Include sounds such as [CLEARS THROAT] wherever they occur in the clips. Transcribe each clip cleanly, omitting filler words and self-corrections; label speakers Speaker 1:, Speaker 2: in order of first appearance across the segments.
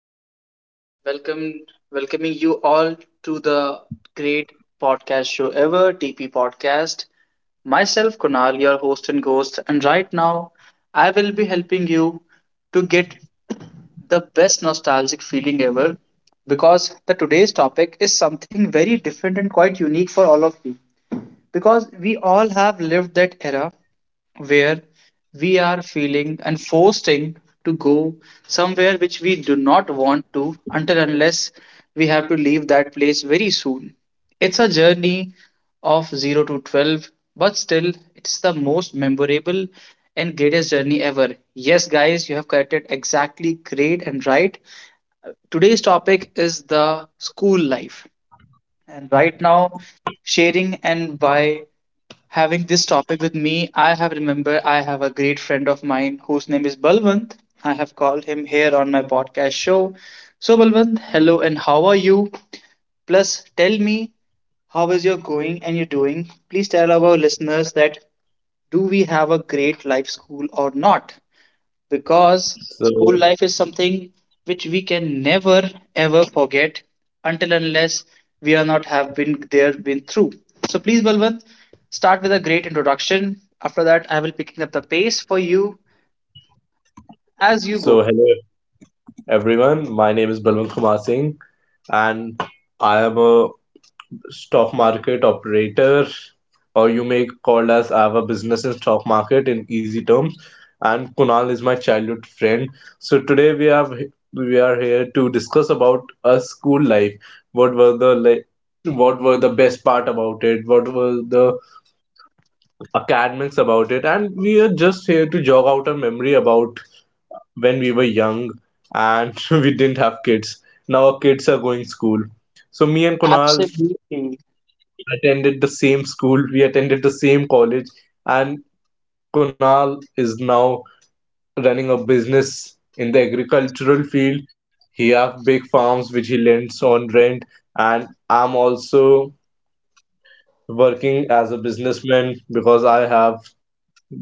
Speaker 1: everyone. Welcome welcoming you all to the great podcast show ever, TP Podcast. Myself Kunal, your host and ghost, and right now I will be helping you to get the best nostalgic feeling ever because the today's topic is something very different and quite unique for all of you because we all have lived that era where we are feeling and forcing to go somewhere which we do not want to until unless we have to leave that place very soon. It's a journey of 0 to 12, but still, it's the most memorable and greatest journey ever. Yes, guys, you have corrected exactly great and right. Today's topic is the school life. And right now, sharing and by having this topic with me, I have remember I have a great friend of mine whose name is Balwant. I have called him here on my podcast show. So Balwant, hello and how are you? Plus, tell me how is your going and you're doing. Please tell our listeners that do we have a great life school or not?
Speaker 2: So,
Speaker 1: Because school life is something which we can never ever forget until unless we are not have been there been through, so please Balwant, start with a great introduction, after that I will picking up the pace for you as you go.
Speaker 2: so hello everyone. My name is Balwant Kumar Singh, and I am a stock market operator, or you may call us I have a business in stock market in easy terms. And Kunal is my childhood friend. So today we are here to discuss about a school life. What were the like? What were the best part about it? What were the academics about it? And we are just here to jog out a memory about when we were young and [LAUGHS] we didn't have kids. Now our kids are going school. So me and Kunal
Speaker 1: Absolutely.
Speaker 2: attended the same school, we attended the same college, and Kunal is now running a business in the agricultural field. He have big farms which he lends on rent, and I'm also working as a businessman because I have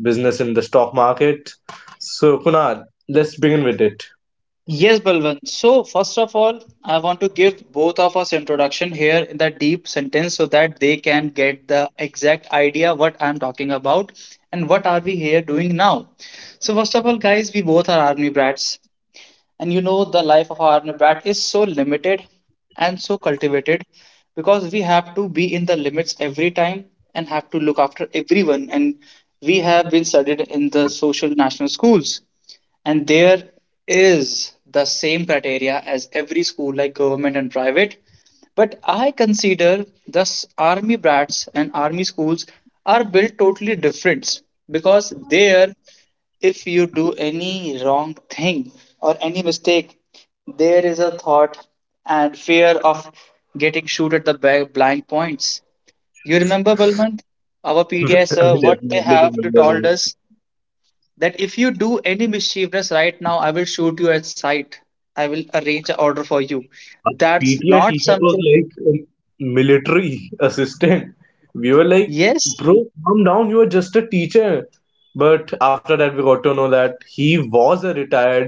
Speaker 2: business in the stock market. So Kunal, let's begin with it.
Speaker 1: Yes, Balwant. So first of all, I want to give both of us introduction here in the deep sentence so that they can get the exact idea what I'm talking about and what are we here doing now. So first of all, guys, we both are army brats, and you know the life of army brat is so limited and so cultivated because we have to be in the limits every time and have to look after everyone, and we have been studied in the social national schools, and there is the same criteria as every school like government and private, but I consider thus army brats and army schools are built totally different because there, if you do any wrong thing or any mistake, there is a thought and fear of getting shoot at the blind points. You remember, Balwant, our PDI
Speaker 2: [LAUGHS] I
Speaker 1: sir, what they
Speaker 2: definitely
Speaker 1: have to told
Speaker 2: remember.
Speaker 1: us, that if you do any mischievousness right now, I will shoot you at sight. I will arrange an order for you.
Speaker 2: Our
Speaker 1: That's
Speaker 2: PTI
Speaker 1: not
Speaker 2: teacher was
Speaker 1: something.
Speaker 2: like a military [LAUGHS] assistant. We were like,
Speaker 1: Yes,
Speaker 2: bro, calm down, you are just a teacher. But after that, we got to know that he was a retired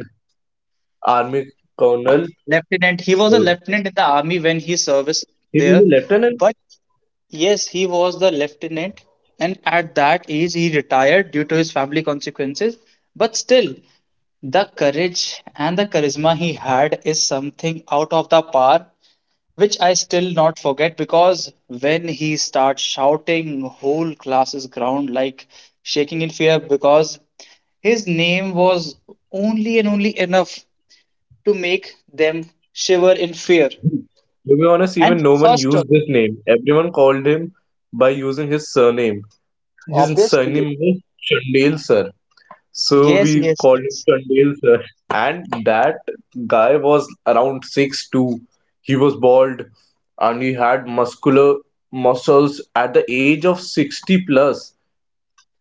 Speaker 2: army colonel.
Speaker 1: lieutenant. He was
Speaker 2: So
Speaker 1: a lieutenant in the army when he serviced
Speaker 2: he was
Speaker 1: there.
Speaker 2: a lieutenant.
Speaker 1: But yes, he was the lieutenant, and at that age, he retired due to his family consequences. But still, the courage and the charisma he had is something out of the par, which I still not forget, because when he starts shouting, whole class's ground like shaking in fear because his name was only and only enough to make them shiver in fear.
Speaker 2: To be honest,
Speaker 1: And
Speaker 2: even no one
Speaker 1: first,
Speaker 2: used his name. Everyone called him by using his surname. His
Speaker 1: obviously,
Speaker 2: surname was Chandel Sir. So
Speaker 1: yes,
Speaker 2: we
Speaker 1: yes,
Speaker 2: called him
Speaker 1: yes.
Speaker 2: Chandel Sir. And that guy was around 6'2". He was bald and he had muscular muscles at the age of 60 plus.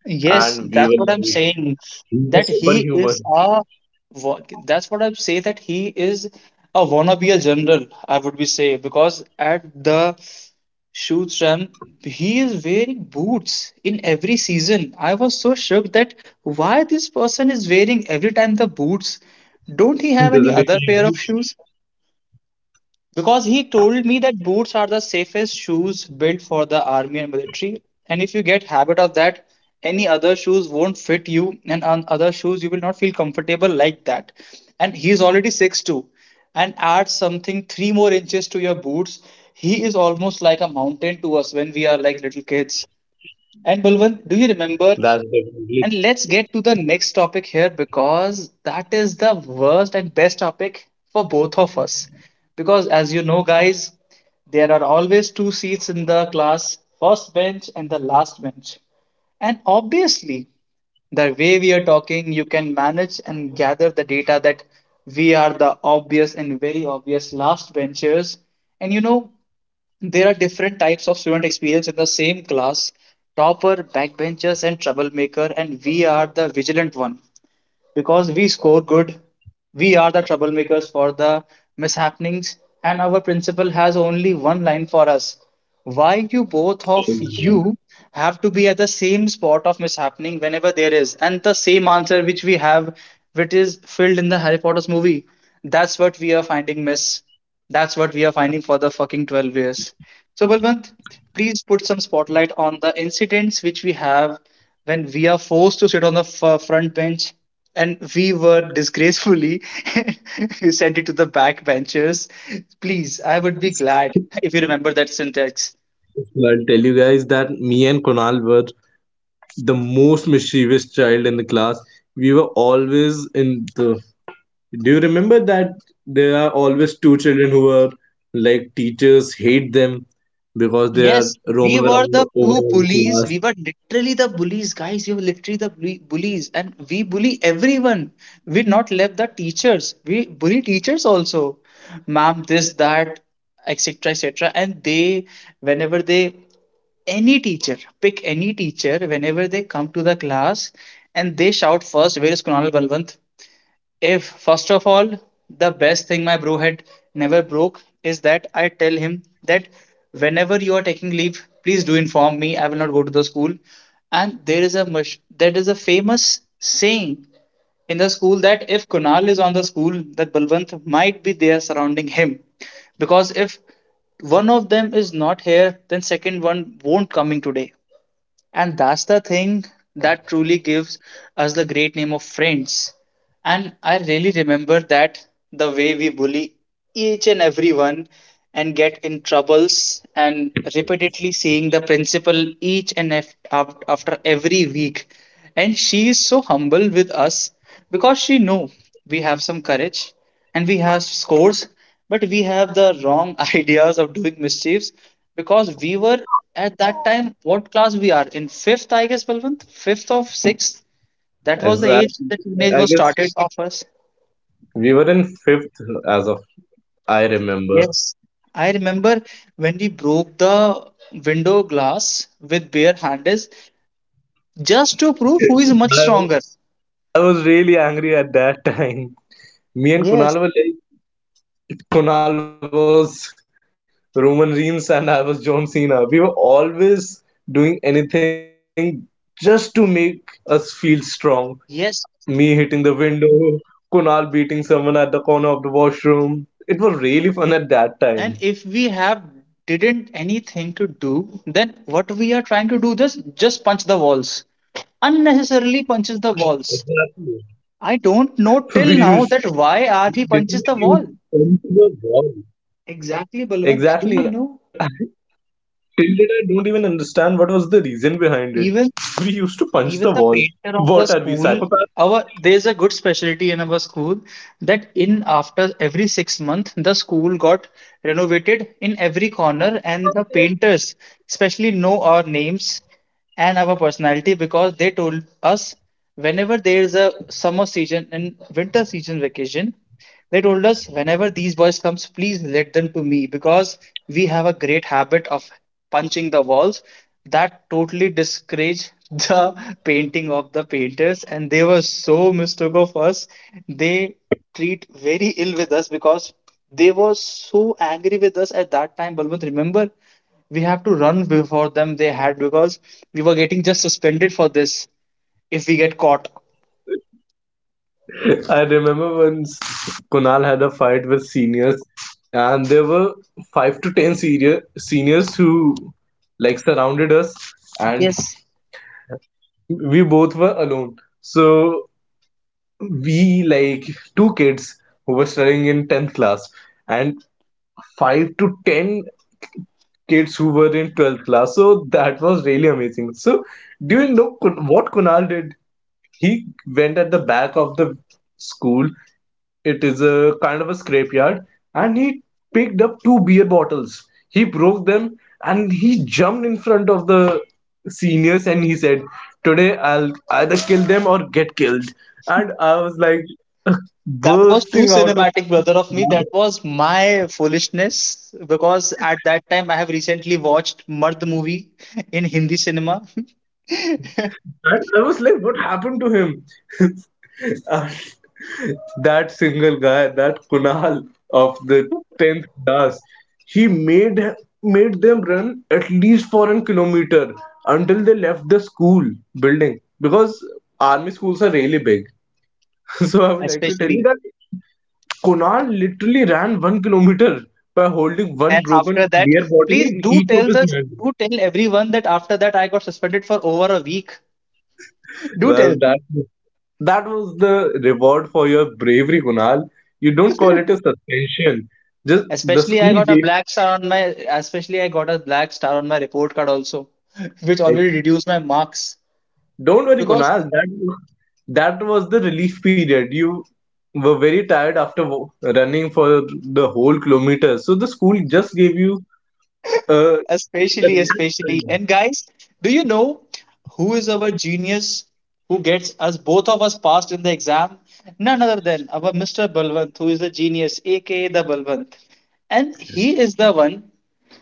Speaker 1: Yes,
Speaker 2: And we were
Speaker 1: that's what I'm
Speaker 2: like,
Speaker 1: saying.
Speaker 2: he's a
Speaker 1: That he
Speaker 2: superhuman.
Speaker 1: is
Speaker 2: [LAUGHS]
Speaker 1: a that's what I say, that he is a wannabe a general, I would be say, because at the shoots ram, he is wearing boots in every season. I was so shocked that why this person is wearing every time the boots. Don't he
Speaker 2: He
Speaker 1: have any
Speaker 2: doesn't
Speaker 1: other pair of
Speaker 2: feel.
Speaker 1: shoes? Because he told me that boots are the safest shoes built for the army and military, and if you get habit of that, any other shoes won't fit you, and on other shoes you will not feel comfortable like that. And he's already 6'2", and add something three more inches to your boots, he is almost like a mountain to us when we are like little kids. And Balwant, do you
Speaker 2: That's
Speaker 1: remember?
Speaker 2: definitely
Speaker 1: And let's get to the next topic here because that is the worst and best topic for both of us. Because as you know, guys, there are always two seats in the class, first bench and the last bench. And obviously, the way we are talking, you can manage and gather the data that we are the obvious and very obvious last benchers. And you know, there are different types of student experience in the same class: topper, backbenchers, and troublemaker, and we are the vigilant one. Because we score good, we are the troublemakers for the mishappenings, and our principal has only one line for us. Why you both of
Speaker 2: true.
Speaker 1: you have to be at the same spot of mishappening whenever there is, and the same answer which we have, which is filled in the Harry Potter's movie. That's what we are finding, miss. That's what we are finding for the fucking 12 years. So, Balwant, please put some spotlight on the incidents which we have when we are forced to sit on the front bench and we were disgracefully [LAUGHS] sent it to the back benches. Please, I would be glad if you remember that syntax.
Speaker 2: I'll tell you guys that me and Konal were the most mischievous child in the class. We were always in the. Do you remember that there are always two children who are like teachers hate them because they are
Speaker 1: Yes, we
Speaker 2: roaming
Speaker 1: were
Speaker 2: around
Speaker 1: the
Speaker 2: over
Speaker 1: two
Speaker 2: all the
Speaker 1: bullies.
Speaker 2: class?
Speaker 1: We were literally the bullies, guys. We were literally the bullies, and we bully everyone. We not left the teachers. We bully teachers also, ma'am, this, that, etc., etc. And they, whenever they, any teacher, pick any teacher, whenever they come to the class, and they shout first, "Where is Kunal Balwant?" If, first of all, the best thing my bro had never broke is that I tell him that whenever you are taking leave, please do inform me. I will not go to the school. And there is a mush, that is a famous saying in the school that if Kunal is on the school, that Balwant might be there surrounding him. Because if one of them is not here, then second one won't coming today. And that's the thing that truly gives us the great name of friends. And I really remember that the way we bully each and everyone and get in troubles and repeatedly seeing the principal each and after every week, and she is so humble with us because she know we have some courage and we have scores, but we have the wrong [LAUGHS] ideas of doing mischiefs because we were at that time, what class we are in, fifth I guess Balwant? Fifth of sixth. That was the age,
Speaker 2: Exactly.
Speaker 1: the teenage
Speaker 2: I
Speaker 1: was
Speaker 2: guess
Speaker 1: started of us.
Speaker 2: we were in fifth as of I remember.
Speaker 1: Yes, I remember when we broke the window glass with bare hands just to prove who is much
Speaker 2: I,
Speaker 1: stronger.
Speaker 2: I was really angry at that time. Me and Kunal
Speaker 1: Yes,
Speaker 2: were like, Kunal was Roman Reigns and I was John Cena. We were always doing anything just to make us feel strong. Me
Speaker 1: yes.
Speaker 2: hitting the window, Kunal beating someone at the corner of the washroom. It was really fun at that time.
Speaker 1: And if we have didn't anything to do, then what we are trying to do is just punch the walls. Unnecessarily punches the walls.
Speaker 2: Exactly.
Speaker 1: I don't
Speaker 2: [LAUGHS]
Speaker 1: know
Speaker 2: We
Speaker 1: till now
Speaker 2: used
Speaker 1: that why are he
Speaker 2: literally
Speaker 1: punches the
Speaker 2: used
Speaker 1: wall.
Speaker 2: fun to the wall.
Speaker 1: Exactly, Balwant. Do you
Speaker 2: Exactly. [LAUGHS]
Speaker 1: know?
Speaker 2: Till date, I don't even understand what was the reason behind it.
Speaker 1: Even
Speaker 2: We used to punch
Speaker 1: Even
Speaker 2: the
Speaker 1: the
Speaker 2: wall.
Speaker 1: painter of the
Speaker 2: What are we,
Speaker 1: school,
Speaker 2: psychopaths?
Speaker 1: our there's a good specialty in our school that in after every 6 months the school got renovated in every corner, and the painters especially know our names and our personality because they told us whenever there is a summer season and winter season vacation, they told us whenever these boys comes, please let them to me because we have a great habit of punching the walls. That totally discouraged the [LAUGHS] painting of the painters, and they were so mistook of us. They treat very ill with us because they were so angry with us at that time. Balwant, remember we have to run before them they had because we were getting just suspended for this if we get caught.
Speaker 2: [LAUGHS] I remember once Kunal had a fight with seniors, and there were five to ten seniors who like surrounded us and we both were alone. So we like two kids who were studying in 10th class and five to 10 kids who were in 12th class. So that was really amazing. So do you know what Kunal did? He went at the back of the school, it is a kind of a scrapyard, and he picked up two beer bottles. He broke them and he jumped in front of the seniors and he said, today I'll either kill them or get killed. And I was like [LAUGHS]
Speaker 1: That was too
Speaker 2: bursting out of.
Speaker 1: cinematic, brother of me. That was my foolishness because at that time I have recently watched Mard movie in Hindi cinema, [LAUGHS]
Speaker 2: I was like, what happened to him? [LAUGHS] Uh, that single guy, that Kunal of the tenth class, he made them run at least for an kilometer until they left the school building because army schools are really big. [LAUGHS] So I would like to tell you
Speaker 1: especially.
Speaker 2: that Kunal literally ran 1 kilometer by holding one
Speaker 1: And after
Speaker 2: broken
Speaker 1: that,
Speaker 2: beer bottle
Speaker 1: please
Speaker 2: in
Speaker 1: do
Speaker 2: each of
Speaker 1: tell
Speaker 2: his
Speaker 1: the
Speaker 2: hand.
Speaker 1: do tell everyone that after that I got suspended for over a week. Do
Speaker 2: Well,
Speaker 1: tell
Speaker 2: that
Speaker 1: them.
Speaker 2: That was the reward for your bravery, Kunal. You don't call it a suspension. Just the
Speaker 1: Especially I
Speaker 2: school
Speaker 1: got a
Speaker 2: gave.
Speaker 1: black star on my especially I got a black star on my report card also, [LAUGHS] which
Speaker 2: Like,
Speaker 1: already reduced my marks.
Speaker 2: don't worry,
Speaker 1: Because
Speaker 2: Kunal. That was the relief period. You were very tired after running for the whole kilometer, so the school just gave you a. [LAUGHS]
Speaker 1: especially, especially. And guys, do you know who is our genius who gets us both of us passed in the exam? None other than our Mr. Balwant, who is a genius, aka the Balwant. And he is the one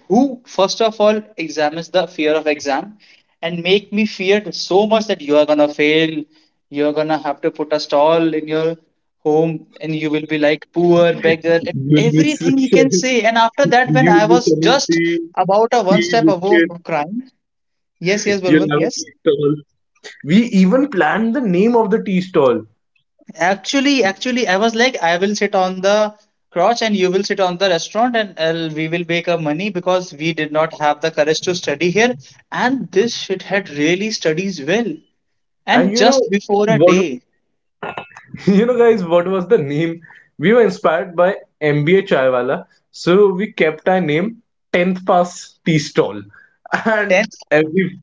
Speaker 1: who first of all examines the fear of exam and make me feared so much that you are gonna fail, you're gonna have to put a stall in your home and you will be like poor beggar and
Speaker 2: You'll be
Speaker 1: everything he can
Speaker 2: selling.
Speaker 1: say, and after that when I
Speaker 2: You'll be
Speaker 1: was
Speaker 2: selling
Speaker 1: just
Speaker 2: tea,
Speaker 1: about a one
Speaker 2: tea
Speaker 1: step above
Speaker 2: biscuit.
Speaker 1: of crime. Yes, yes
Speaker 2: You'll
Speaker 1: Balwant,
Speaker 2: have a
Speaker 1: yes.
Speaker 2: tea stall. We even planned the name of the tea stall,
Speaker 1: Actually, actually, I was like, I will sit on the crotch and you will sit on the restaurant and I'll, we will make a money because we did not have the courage to study here. And this shithead really studies well.
Speaker 2: and
Speaker 1: And
Speaker 2: you know
Speaker 1: just before a
Speaker 2: what?
Speaker 1: day,
Speaker 2: [LAUGHS] You know, guys, what was the name? We were inspired by MBA Chaiwala, so we kept our name 10th Pass Tea Stall. [LAUGHS] And
Speaker 1: 10th,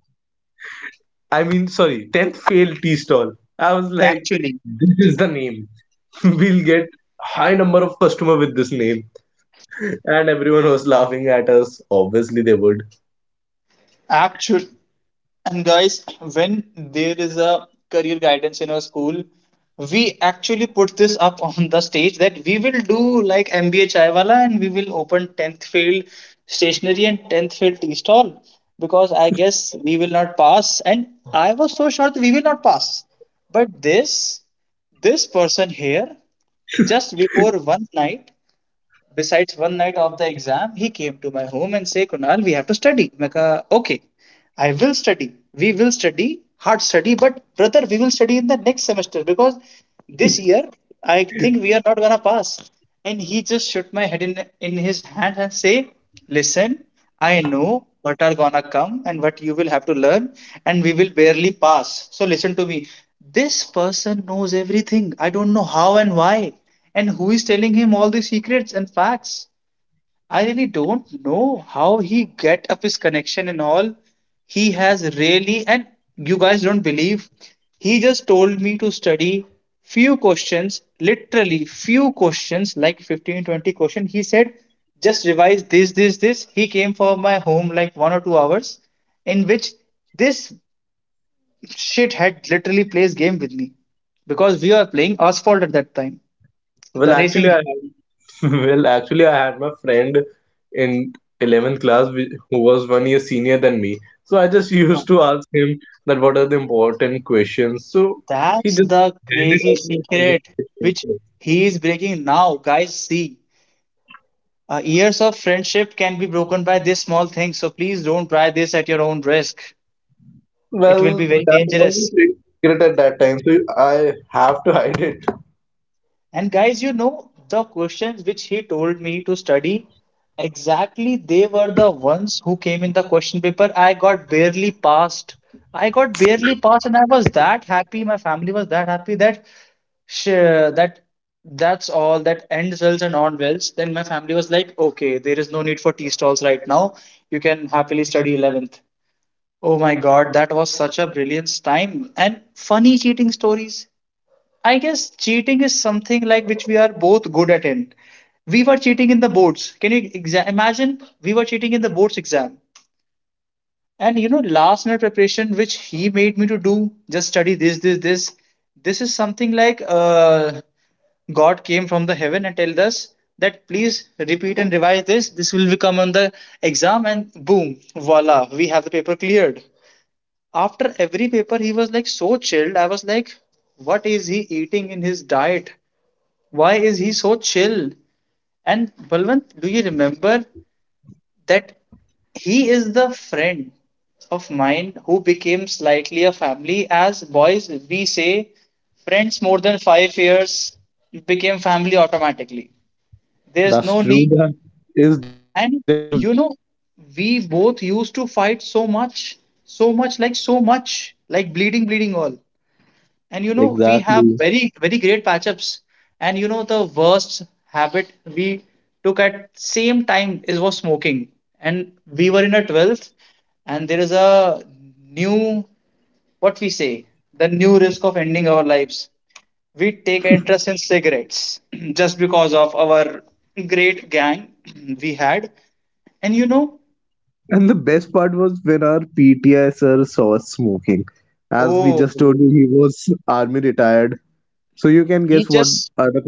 Speaker 2: I mean, sorry, 10th Fail Tea Stall. I was like,
Speaker 1: actually,
Speaker 2: this is the name. [LAUGHS] We'll get high number of customer with this name. And everyone was laughing at us. Obviously, they would.
Speaker 1: actual and guys, when there is a career guidance in our school, we actually put this up [LAUGHS] on the stage that we will do like MBA Chaiwala and we will open 10th field stationery and 10th field tea stall because I guess we will not pass. And I was so sure that we will not pass. But this person here, just before one night, besides one night of the exam, he came to my home and say, Kunal, we have to study. I okay. I will study. We will study, hard study, but brother, we will study in the next semester because this year I think we are not gonna pass. And he just shook my head in his hand and say, listen, I know what are gonna come and what you will have to learn, and we will barely pass. So listen to me. This person knows everything. I don't know how and why. And who is telling him all the secrets and facts? I really don't know how he get up his connection and all. He has really, and you guys don't believe, he just told me to study few questions, literally few questions, like fifteen twenty 20 questions. He said, just revise this, this, this. He came for my home like one or two hours, in which this shit had literally plays game with me because we were playing Asphalt at that time,
Speaker 2: Well,
Speaker 1: the
Speaker 2: actually,
Speaker 1: racing.
Speaker 2: I
Speaker 1: Game.
Speaker 2: [LAUGHS] Well actually I had my friend in 11th class who was one year senior than me. So I just [LAUGHS] used to ask him that what are the important questions. So he
Speaker 1: That's
Speaker 2: just
Speaker 1: the
Speaker 2: handed out
Speaker 1: crazy
Speaker 2: my
Speaker 1: secret
Speaker 2: first question.
Speaker 1: which he is breaking now. Guys, see, years of friendship can be broken by this small thing. So please don't try this at your own risk. It will
Speaker 2: Well,
Speaker 1: be very
Speaker 2: that was
Speaker 1: dangerous.
Speaker 2: a great secret at that time, so I have to [LAUGHS] hide it.
Speaker 1: And guys, you know, the questions which he told me to study, exactly they were the ones who came in the question paper. I got barely passed. I got barely passed, and I was that happy. My family was that happy that sure that that's all that end results and on wells. Then my family was like, okay, there is no need for tea stalls right now. You can happily study 11th. Oh my God, that was such a brilliant time and funny cheating stories. I guess cheating is something like which we are both good at in. We were cheating in the boards. Can you imagine? We were cheating in the boards exam. And you know, last minute preparation, which he made me to do, just study this, this, this. This is something like God came from the heaven and told us that please repeat and revise this. This will become on the exam, and boom, voila, we have the paper cleared. After every paper, he was like so chilled. I was like, what is he eating in his diet? Why is he so chill? And Balwant, do you remember that he is the friend of mine who became slightly a family? As boys, we say friends more than 5 years became family automatically. There's no
Speaker 2: That's
Speaker 1: need.
Speaker 2: true. That is
Speaker 1: And
Speaker 2: definitely a rule.
Speaker 1: you know, we both used to fight so much, so much, like bleeding, bleeding all. And you know, we have
Speaker 2: Exactly.
Speaker 1: very, very great matchups. And you know, the worst habit we took at same time is was smoking. And we were in a 12th, and there is a new, what we say, the new risk of ending our lives. We take interest in cigarettes [CLEARS THROAT] just because of our great gang [CLEARS THROAT] we had. And you know,
Speaker 2: And the best part was when our PTI sir saw us smoking. As we
Speaker 1: oh,
Speaker 2: just told you, he was army retired. So you can
Speaker 1: he
Speaker 2: guess what
Speaker 1: just
Speaker 2: are the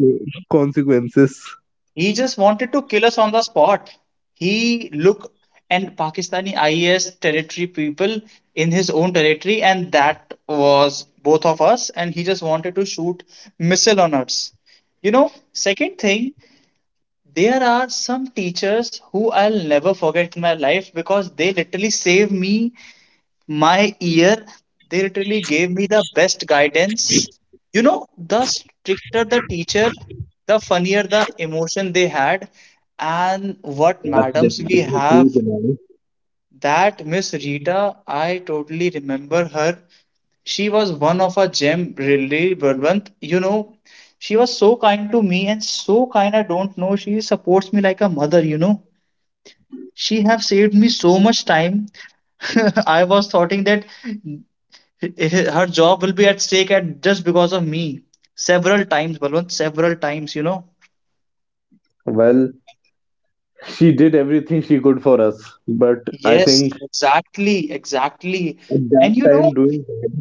Speaker 2: consequences.
Speaker 1: he just wanted to kill us on the spot. He looked and Pakistani IS territory people in his own territory, and that was both of us. And he just wanted to shoot missile on us. You know, second thing, there are some teachers who I'll never forget in my life because they literally saved me my year, they literally gave me the best guidance. You know, the stricter the teacher, the funnier the emotion they had. And what
Speaker 2: That's
Speaker 1: madams we
Speaker 2: definitely
Speaker 1: have,
Speaker 2: true, Kunal.
Speaker 1: that Miss Rita, I totally remember her. She was one of a gem, really, Balwant. You know, she was so kind to me and so kind, I don't know, she supports me like a mother, you know. She have saved me so much time. [LAUGHS] I was thoughting that her job will be at stake at just because of me. Several times, Balwant, several times, you know.
Speaker 2: Well, she did everything she could for us, but I
Speaker 1: Yes,
Speaker 2: think
Speaker 1: exactly, exactly.
Speaker 2: at that
Speaker 1: And you know,
Speaker 2: time doing that,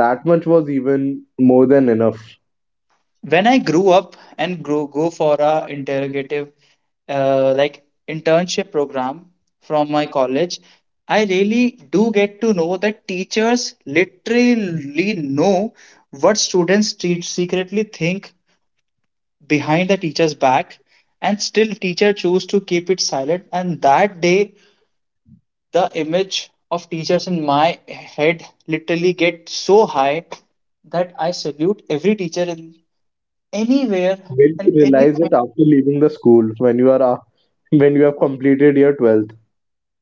Speaker 2: that much was even more than enough.
Speaker 1: when I grew up and grow, go for a interrogative like internship program from my college, I really do get to know that teachers literally know what students secretly think behind the teacher's back and still teacher chose to keep it silent. And that day the image of teachers in my head literally get so high that I salute every teacher in anywhere
Speaker 2: Did you
Speaker 1: and
Speaker 2: realize
Speaker 1: anything.
Speaker 2: that after leaving the school, when you have completed your 12th,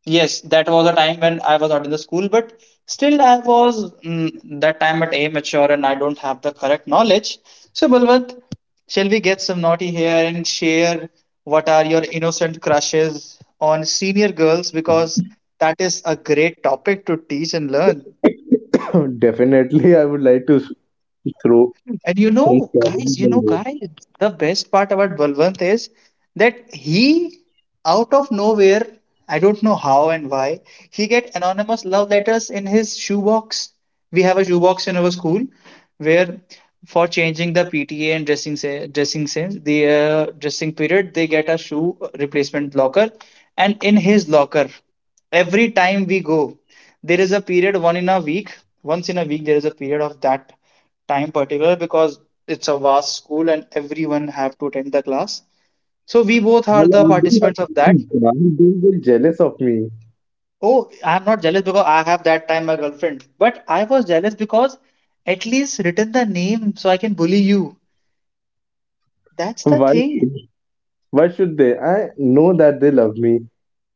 Speaker 1: Yes, that was a time when I was not in the school, but still I was that time at amateur and I don't have the correct knowledge. So, Balwant, shall we get some naughty here and share what are your innocent crushes on senior girls? Because that is a great topic to teach and learn.
Speaker 2: [COUGHS] [LAUGHS] definitely I would like to throw
Speaker 1: And
Speaker 2: some stories
Speaker 1: you
Speaker 2: on
Speaker 1: know,
Speaker 2: this.
Speaker 1: guys, the best part about Balwant is that he, out of nowhere, I don't know how and why, he get anonymous love letters in his shoebox. We have a shoebox in our school where for changing the PTA and dressing sense, the dressing period, they get a shoe replacement locker, and in his locker, every time we go, there is a period one in a week. Once in a week, there is a period of that time particular because it's a vast school and everyone have to attend the class. So we both are the
Speaker 2: Well, I do
Speaker 1: participants of
Speaker 2: have.
Speaker 1: that.
Speaker 2: Kunal, you will jealous of me.
Speaker 1: Oh, I'm not jealous because I have that time my girlfriend, but I was jealous because at least written the name so I can bully you. That's the
Speaker 2: Why?
Speaker 1: thing.
Speaker 2: Why should they? I know that they love me.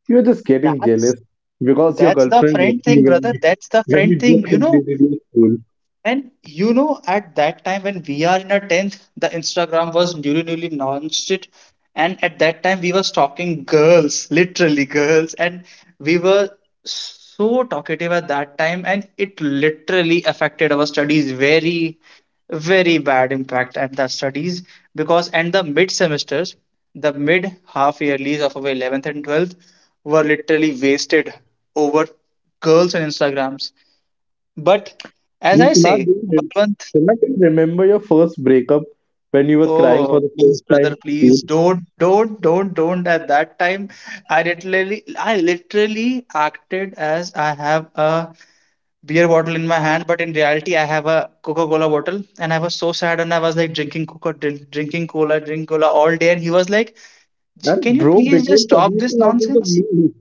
Speaker 2: You're just getting
Speaker 1: That's
Speaker 2: jealous because your
Speaker 1: that's the
Speaker 2: girlfriend left
Speaker 1: friend
Speaker 2: you
Speaker 1: thing, brother. That's the
Speaker 2: when
Speaker 1: friend
Speaker 2: you, just
Speaker 1: thing. You know,
Speaker 2: completed your school.
Speaker 1: and you know, at that time when we are in our 10th, the Instagram was newly, newly launched it. And at that time, we were stalking girls, literally girls. And we were so talkative at that time. And it literally affected our studies very, very bad impact at the studies. Because and the mid semesters, the mid half yearlies of our 11th and 12th were literally wasted over girls and Instagrams, but as
Speaker 2: You
Speaker 1: I
Speaker 2: should
Speaker 1: say,
Speaker 2: do it.
Speaker 1: Balwant,
Speaker 2: Cannot you remember your first breakup when you were crying for
Speaker 1: oh
Speaker 2: the
Speaker 1: please,
Speaker 2: first time
Speaker 1: brother,
Speaker 2: in
Speaker 1: please
Speaker 2: school
Speaker 1: don't. At that time, I literally acted as I have a beer bottle in my hand, but in reality, I have a Coca-Cola bottle, and I was so sad, and I was like drinking Coca, drink, drinking cola, drink cola all day, and he was like, "Can
Speaker 2: and
Speaker 1: you
Speaker 2: bro
Speaker 1: please just
Speaker 2: became
Speaker 1: stop this
Speaker 2: submission out of the
Speaker 1: nonsense?"
Speaker 2: blue?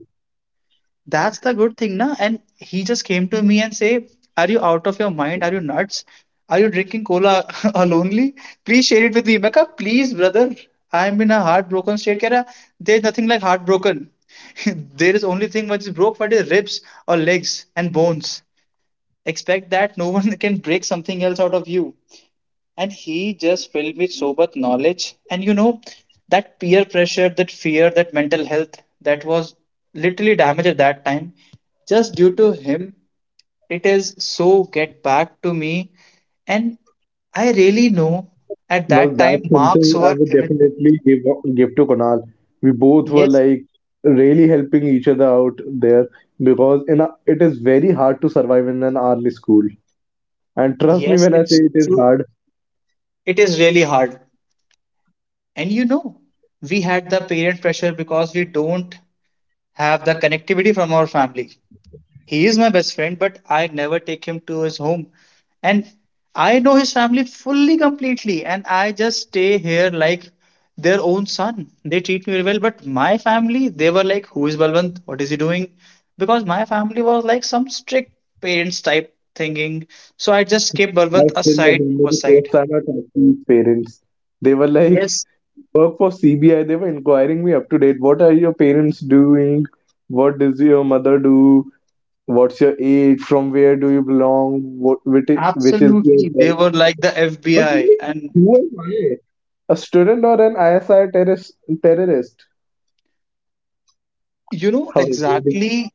Speaker 1: That's the good thing, na? And he just came to me and say, "Are you out of your mind? Are you nuts? Are you drinking cola [LAUGHS] alonely? Please share it with me." Mecca, please, brother. I'm in a heartbroken state. Keh raha, there's nothing like heartbroken. [LAUGHS] There is only thing which is broke, what is ribs or legs and bones. Expect that no one [LAUGHS] can break something else out of you. And he just filled with so much knowledge, and you know, that peer pressure, that fear, that mental health, that was literally damaged at that time just due to him. It is so get back to me. And I really know at
Speaker 2: Well,
Speaker 1: that time
Speaker 2: that's
Speaker 1: marks
Speaker 2: something I
Speaker 1: were
Speaker 2: would
Speaker 1: everything.
Speaker 2: definitely give to Kunal. We both were
Speaker 1: Yes,
Speaker 2: like really helping each other out there because it is very hard to survive in an army school. And trust me
Speaker 1: yes,
Speaker 2: when I say
Speaker 1: it's
Speaker 2: it is
Speaker 1: true.
Speaker 2: hard.
Speaker 1: It is really hard. And you know, we had the parent pressure because we don't have the connectivity from our family. He is my best friend, but I never take him to his home. And I know his family fully, completely, and I just stay here like their own son. They treat me very well, but my family, they were like, who is Balwant? What is he doing? Because my family was like some strict parents type thinking. So I just kept
Speaker 2: I
Speaker 1: Balwant
Speaker 2: still
Speaker 1: aside
Speaker 2: remember the first
Speaker 1: aside.
Speaker 2: time I talked to his parents. They were like,
Speaker 1: Yes,
Speaker 2: work for CBI. They were inquiring me up to date. What are your parents doing? What does your mother do? What's your age? From where do you belong? Which is your
Speaker 1: absolutely. They
Speaker 2: birth?
Speaker 1: were like the
Speaker 2: I was
Speaker 1: FBI.
Speaker 2: like,
Speaker 1: And
Speaker 2: who am I? A student or an ISI terrorist? terrorist?
Speaker 1: you know
Speaker 2: [LAUGHS] I was really-
Speaker 1: exactly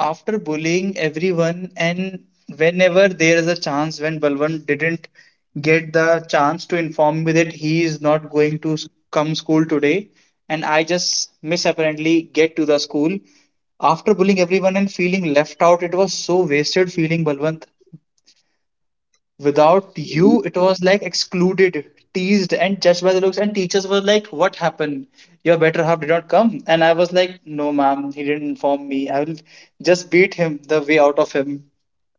Speaker 1: after bullying everyone, and whenever there is a chance when Balwant didn't get the chance to inform me that he is not going to come school today, and I just misapparently get to the school. After bullying everyone and feeling left out, it was so wasted feeling, Balwant. Without you, it was like excluded, teased, and judged by the looks. And teachers were like, what happened? Your better half did not come. And I was like, no, ma'am, he didn't inform me. I will just beat him the way out of him.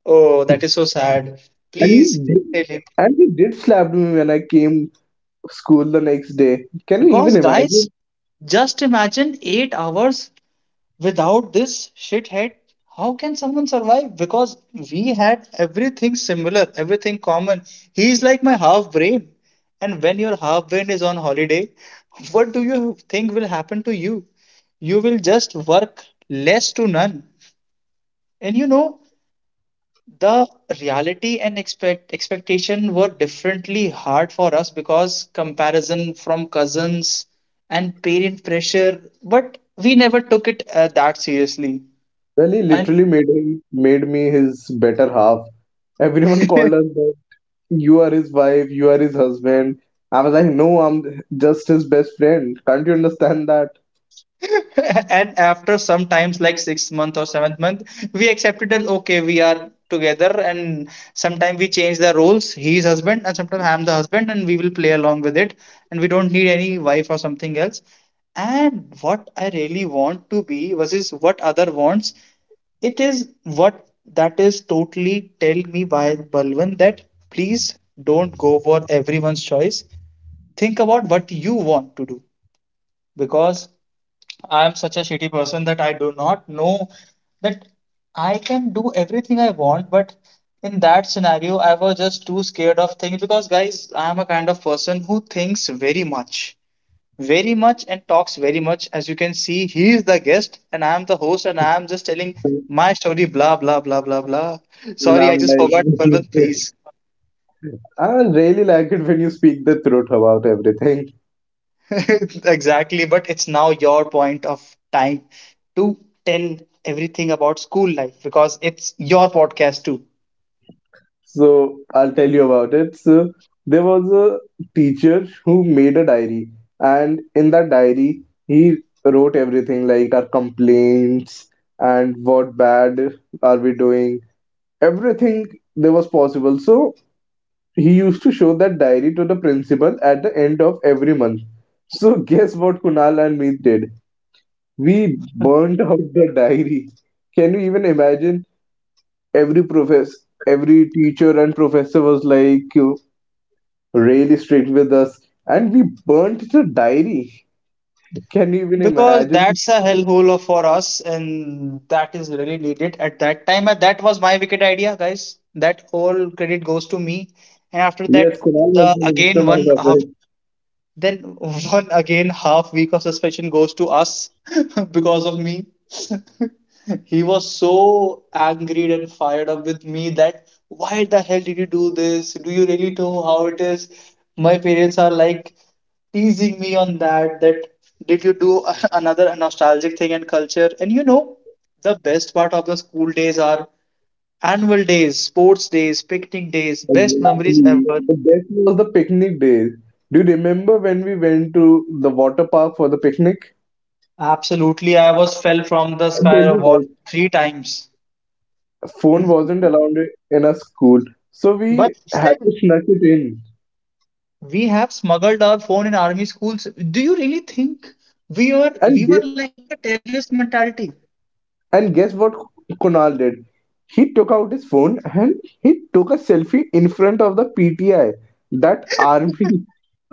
Speaker 1: Oh,
Speaker 2: [LAUGHS]
Speaker 1: that
Speaker 2: and
Speaker 1: is so sad.
Speaker 2: he
Speaker 1: Please
Speaker 2: did,
Speaker 1: tell him.
Speaker 2: and he did slap me when I came school the next day. Can you even
Speaker 1: Because, guys,
Speaker 2: imagine?
Speaker 1: just imagine 8 hours without this shithead, how can someone survive? Because we had everything similar, everything common. He's like my half brain. And when your half brain is on holiday, [LAUGHS] what do you think will happen to you? You will just work less to none. And you know, the reality and expectation were differently hard for us because comparison from cousins and parent pressure, but we never took it that seriously.
Speaker 2: Well, he
Speaker 1: And
Speaker 2: literally made me his better half. Everyone [LAUGHS] called us
Speaker 1: [LAUGHS]
Speaker 2: that you are his wife, you are his husband. I was like, no, I'm just his best friend. Can't you understand that?
Speaker 1: and after sometimes like sixth month or seventh month, we accepted that, okay, we are together, and sometimes we change the roles. He is husband and sometimes I am the husband and we will play along with it, and we don't need any wife or something else. And what I really want to be versus what other wants, it is what, that is totally tell me by Balwan that please don't go for everyone's choice. Think about what you want to do. Because I'm such a shitty person that I do not know that I can do everything I want, but in that scenario, I was just too scared of things because, guys, I'm a kind of person who thinks very much, very much, and talks very much. As you can see, he is the guest, and I'm the host, and I'm just telling
Speaker 2: And
Speaker 1: my story, blah, blah, blah, blah, blah. Sorry, I
Speaker 2: I'm
Speaker 1: just forgot, Palwant,
Speaker 2: like,
Speaker 1: please.
Speaker 2: [LAUGHS] I really like it when you speak the truth about everything.
Speaker 1: [LAUGHS] Exactly, but it's now your point of time to tell everything about school life because it's your podcast too.
Speaker 2: So I'll tell you about it. So there was a teacher who made a diary, and in that diary, he wrote everything like our complaints and what bad are we doing, everything there was possible. So he used to show that diary to the principal at the end of every month. So [LAUGHS] guess what Kunal and me did? We burned out the diary. Can you even imagine? Every professor, every teacher and professor was like, really strict with us, and we burnt the diary. Can you even
Speaker 1: Because
Speaker 2: imagine?
Speaker 1: that's a hellhole of- for us, and that is really needed at that time. And that was my wicked idea, guys. That whole credit goes to me. And after
Speaker 2: Yes,
Speaker 1: that,
Speaker 2: Kunal was
Speaker 1: the
Speaker 2: the
Speaker 1: again one
Speaker 2: mastermind of
Speaker 1: uh,
Speaker 2: it.
Speaker 1: Then one again half week of suspension goes to us [LAUGHS] because of me. [LAUGHS] He was so angry and fired up with me that why the hell did you do this? Do you really know how it is? My parents are like teasing me on that did you do [LAUGHS] another nostalgic thing and culture? And you know, the best part of the school days are annual days, sports days, picnic days, best memories
Speaker 2: Exactly.
Speaker 1: ever.
Speaker 2: The best was the picnic days. Do you remember when we went to the water park for the picnic?
Speaker 1: Absolutely, I was fell from the
Speaker 2: I'll tell
Speaker 1: sky wall
Speaker 2: you
Speaker 1: three times.
Speaker 2: guys, phone wasn't allowed in our school, so we
Speaker 1: But
Speaker 2: had to
Speaker 1: still,
Speaker 2: snuck it in
Speaker 1: we have smuggled our phone in army schools. Do you really think we were
Speaker 2: and
Speaker 1: we
Speaker 2: get.
Speaker 1: were like a terrorist mentality?
Speaker 2: And guess what Kunal did? He took out his phone and he took a selfie in front of the PTI, that army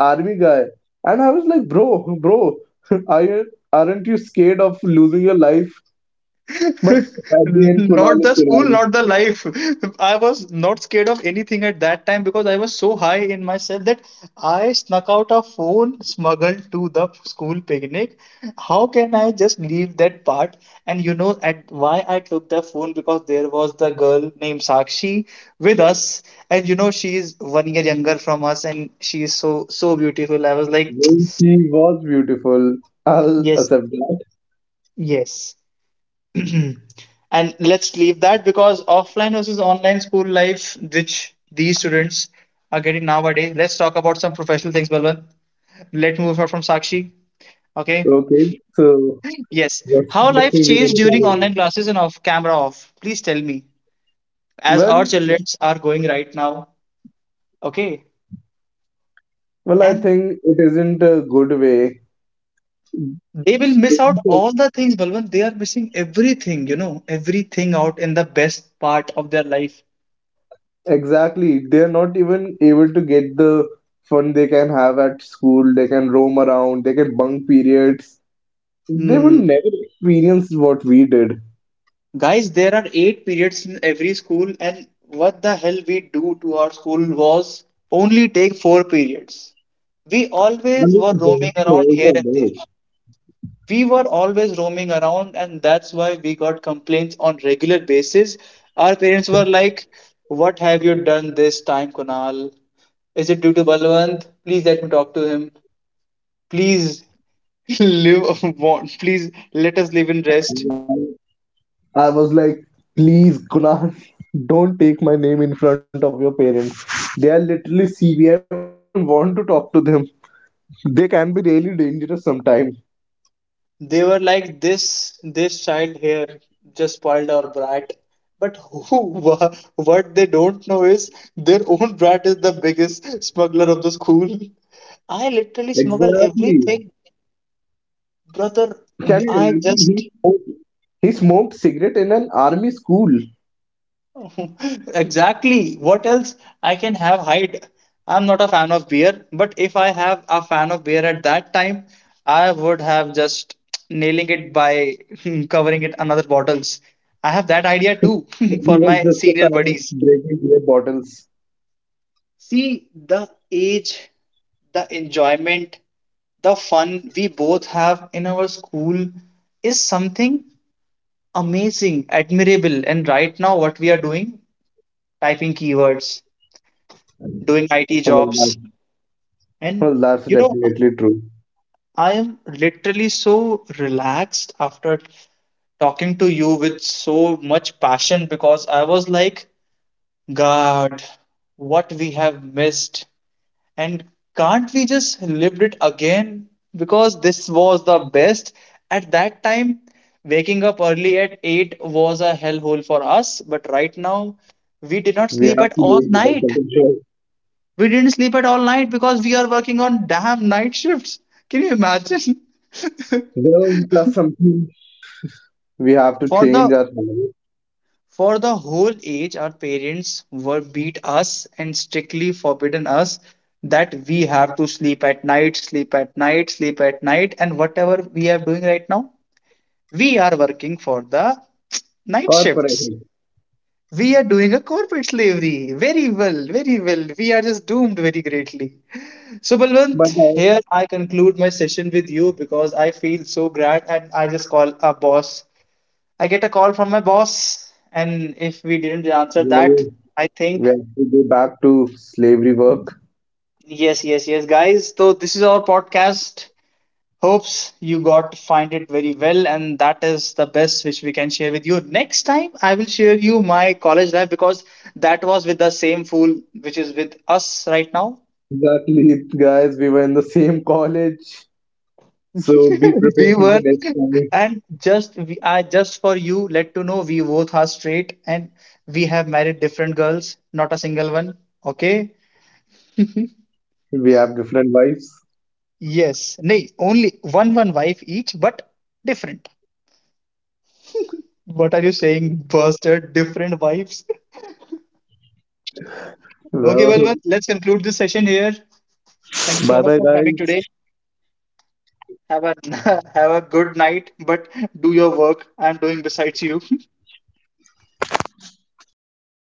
Speaker 2: army guy. And I was like, bro, bro, [LAUGHS] are you, aren't you scared of losing your life? But
Speaker 1: [LAUGHS]
Speaker 2: at the end,
Speaker 1: Not
Speaker 2: Kunal is
Speaker 1: the school,
Speaker 2: Kunal.
Speaker 1: not the life. [LAUGHS] I was not scared of anything at that time because I was so high in myself that I snuck out a phone smuggled to the school picnic. How can I just leave that part? And you know at why I took the phone because there was the girl named Sakshi with us, and you know she is 1 year younger from us, and she is so so beautiful. I was like,
Speaker 2: Well, she was beautiful.
Speaker 1: [TSK]
Speaker 2: I'll
Speaker 1: yes,
Speaker 2: accept that.
Speaker 1: yes. [CLEARS THROAT] And let's leave that because offline versus online school life, which these students are getting nowadays. Let's talk about some professional things, Balwant. Let's move on from Sakshi. Okay.
Speaker 2: Okay, so
Speaker 1: Yes.
Speaker 2: what's the
Speaker 1: How
Speaker 2: next
Speaker 1: life
Speaker 2: thing we're
Speaker 1: changed
Speaker 2: gonna
Speaker 1: during
Speaker 2: talk
Speaker 1: online classes and off camera off. Please tell me.
Speaker 2: about?
Speaker 1: As our
Speaker 2: Well,
Speaker 1: children are going right now. Okay.
Speaker 2: well, I
Speaker 1: And
Speaker 2: think it isn't a good way.
Speaker 1: they will miss out all the things, Balwant. They are missing everything, you know, everything out in the best part of their life.
Speaker 2: Exactly. They're not even able to get the fun they can have at school. They can roam around, they can bunk periods. They will
Speaker 1: Hmm.
Speaker 2: never experience what we did.
Speaker 1: Guys, there are eight periods in every school, and what the hell we do to our school was only take four periods. We
Speaker 2: I
Speaker 1: always
Speaker 2: mean,
Speaker 1: were
Speaker 2: the
Speaker 1: roaming around
Speaker 2: drinking levels
Speaker 1: here and
Speaker 2: are
Speaker 1: there.
Speaker 2: low.
Speaker 1: We were always roaming around, and that's why we got complaints on regular basis. Our parents were like, "What have you done this time, Kunal? Is it due to Balwant? Please let me talk to him. Please [LAUGHS] live, [LAUGHS] please let us live in rest."
Speaker 2: And I was like, please, Kunal, [LAUGHS] don't take my name in front of your parents. They are literally CBI officers. I don't want to talk to them. They can be really dangerous sometimes.
Speaker 1: They were like, this child here just spoiled our brat. But who [LAUGHS] what they don't know is their own brat is the biggest smuggler of the school. I literally smuggle
Speaker 2: Exactly.
Speaker 1: everything, brother.
Speaker 2: Can you
Speaker 1: I
Speaker 2: imagine?
Speaker 1: just
Speaker 2: He smoked cigarette in an army school.
Speaker 1: [LAUGHS] Exactly. What else I can have hide? I'm not a fan of beer, but if I have a fan of beer at that time, I would have just [TSK] nailing it by [LAUGHS] covering it another bottles. I have that idea too [LAUGHS]
Speaker 2: He
Speaker 1: for
Speaker 2: was
Speaker 1: my
Speaker 2: just a
Speaker 1: senior
Speaker 2: fan of
Speaker 1: buddies.
Speaker 2: breaking beer bottles.
Speaker 1: See the age, the enjoyment, the fun we both have in our school is something amazing, admirable. And right now, what we are doing, typing keywords, doing IT
Speaker 2: Well, that,
Speaker 1: jobs. And
Speaker 2: that's
Speaker 1: you know,
Speaker 2: definitely true.
Speaker 1: I am literally so relaxed after talking to you with so much passion because I was like, God, what we have missed. And can't we just lived it again? Because this was the best. At that time, waking up early at 8 was a hellhole for us, but right now, we did not
Speaker 2: We have
Speaker 1: sleep at
Speaker 2: to
Speaker 1: all
Speaker 2: do it because
Speaker 1: night.
Speaker 2: of the show.
Speaker 1: We didn't sleep at all night because we are working on damn night shifts. Can you imagine? [LAUGHS]
Speaker 2: Well, that's something we have to
Speaker 1: For the
Speaker 2: change our habit
Speaker 1: for the whole age, our parents were beat us and strictly forbidden us that we have to sleep at night, sleep at night, sleep at night, and whatever we are doing right now, we are working for the night shifts.
Speaker 2: corporately.
Speaker 1: We are doing a corporate slavery. Very well, very well. We are just doomed very greatly. So, Balwant,
Speaker 2: But
Speaker 1: here I conclude my session with you because I feel so grand and I just call a boss. I get a call from my boss, and if we didn't answer that,
Speaker 2: well,
Speaker 1: I
Speaker 2: we
Speaker 1: think,
Speaker 2: have to go back to slavery work.
Speaker 1: yes, yes, yes, guys. So, this is our podcast. Hopes you got to find it very well, and that is the best which we can share with you. Next time, I will share you my college life because that was with the same fool which is with us right now.
Speaker 2: Exactly, guys. We were in the same college, so be
Speaker 1: [LAUGHS]
Speaker 2: prepared
Speaker 1: We
Speaker 2: for the
Speaker 1: were
Speaker 2: next time.
Speaker 1: and just we are just for you let to know, we both are straight and we have married different girls, not a single one. Okay. [LAUGHS]
Speaker 2: We have different wives.
Speaker 1: Yes, nay, only one wife each, but different. What are you saying, bastard? Different wives. [LAUGHS] Okay,
Speaker 2: Well,
Speaker 1: well, well, let's conclude this session here. Thank you
Speaker 2: [LAUGHS]
Speaker 1: so
Speaker 2: bye
Speaker 1: much
Speaker 2: bye,
Speaker 1: for coming today.
Speaker 2: guys.
Speaker 1: Have a [LAUGHS] have a good night, but do your work. I'm doing besides you. [LAUGHS] Okay.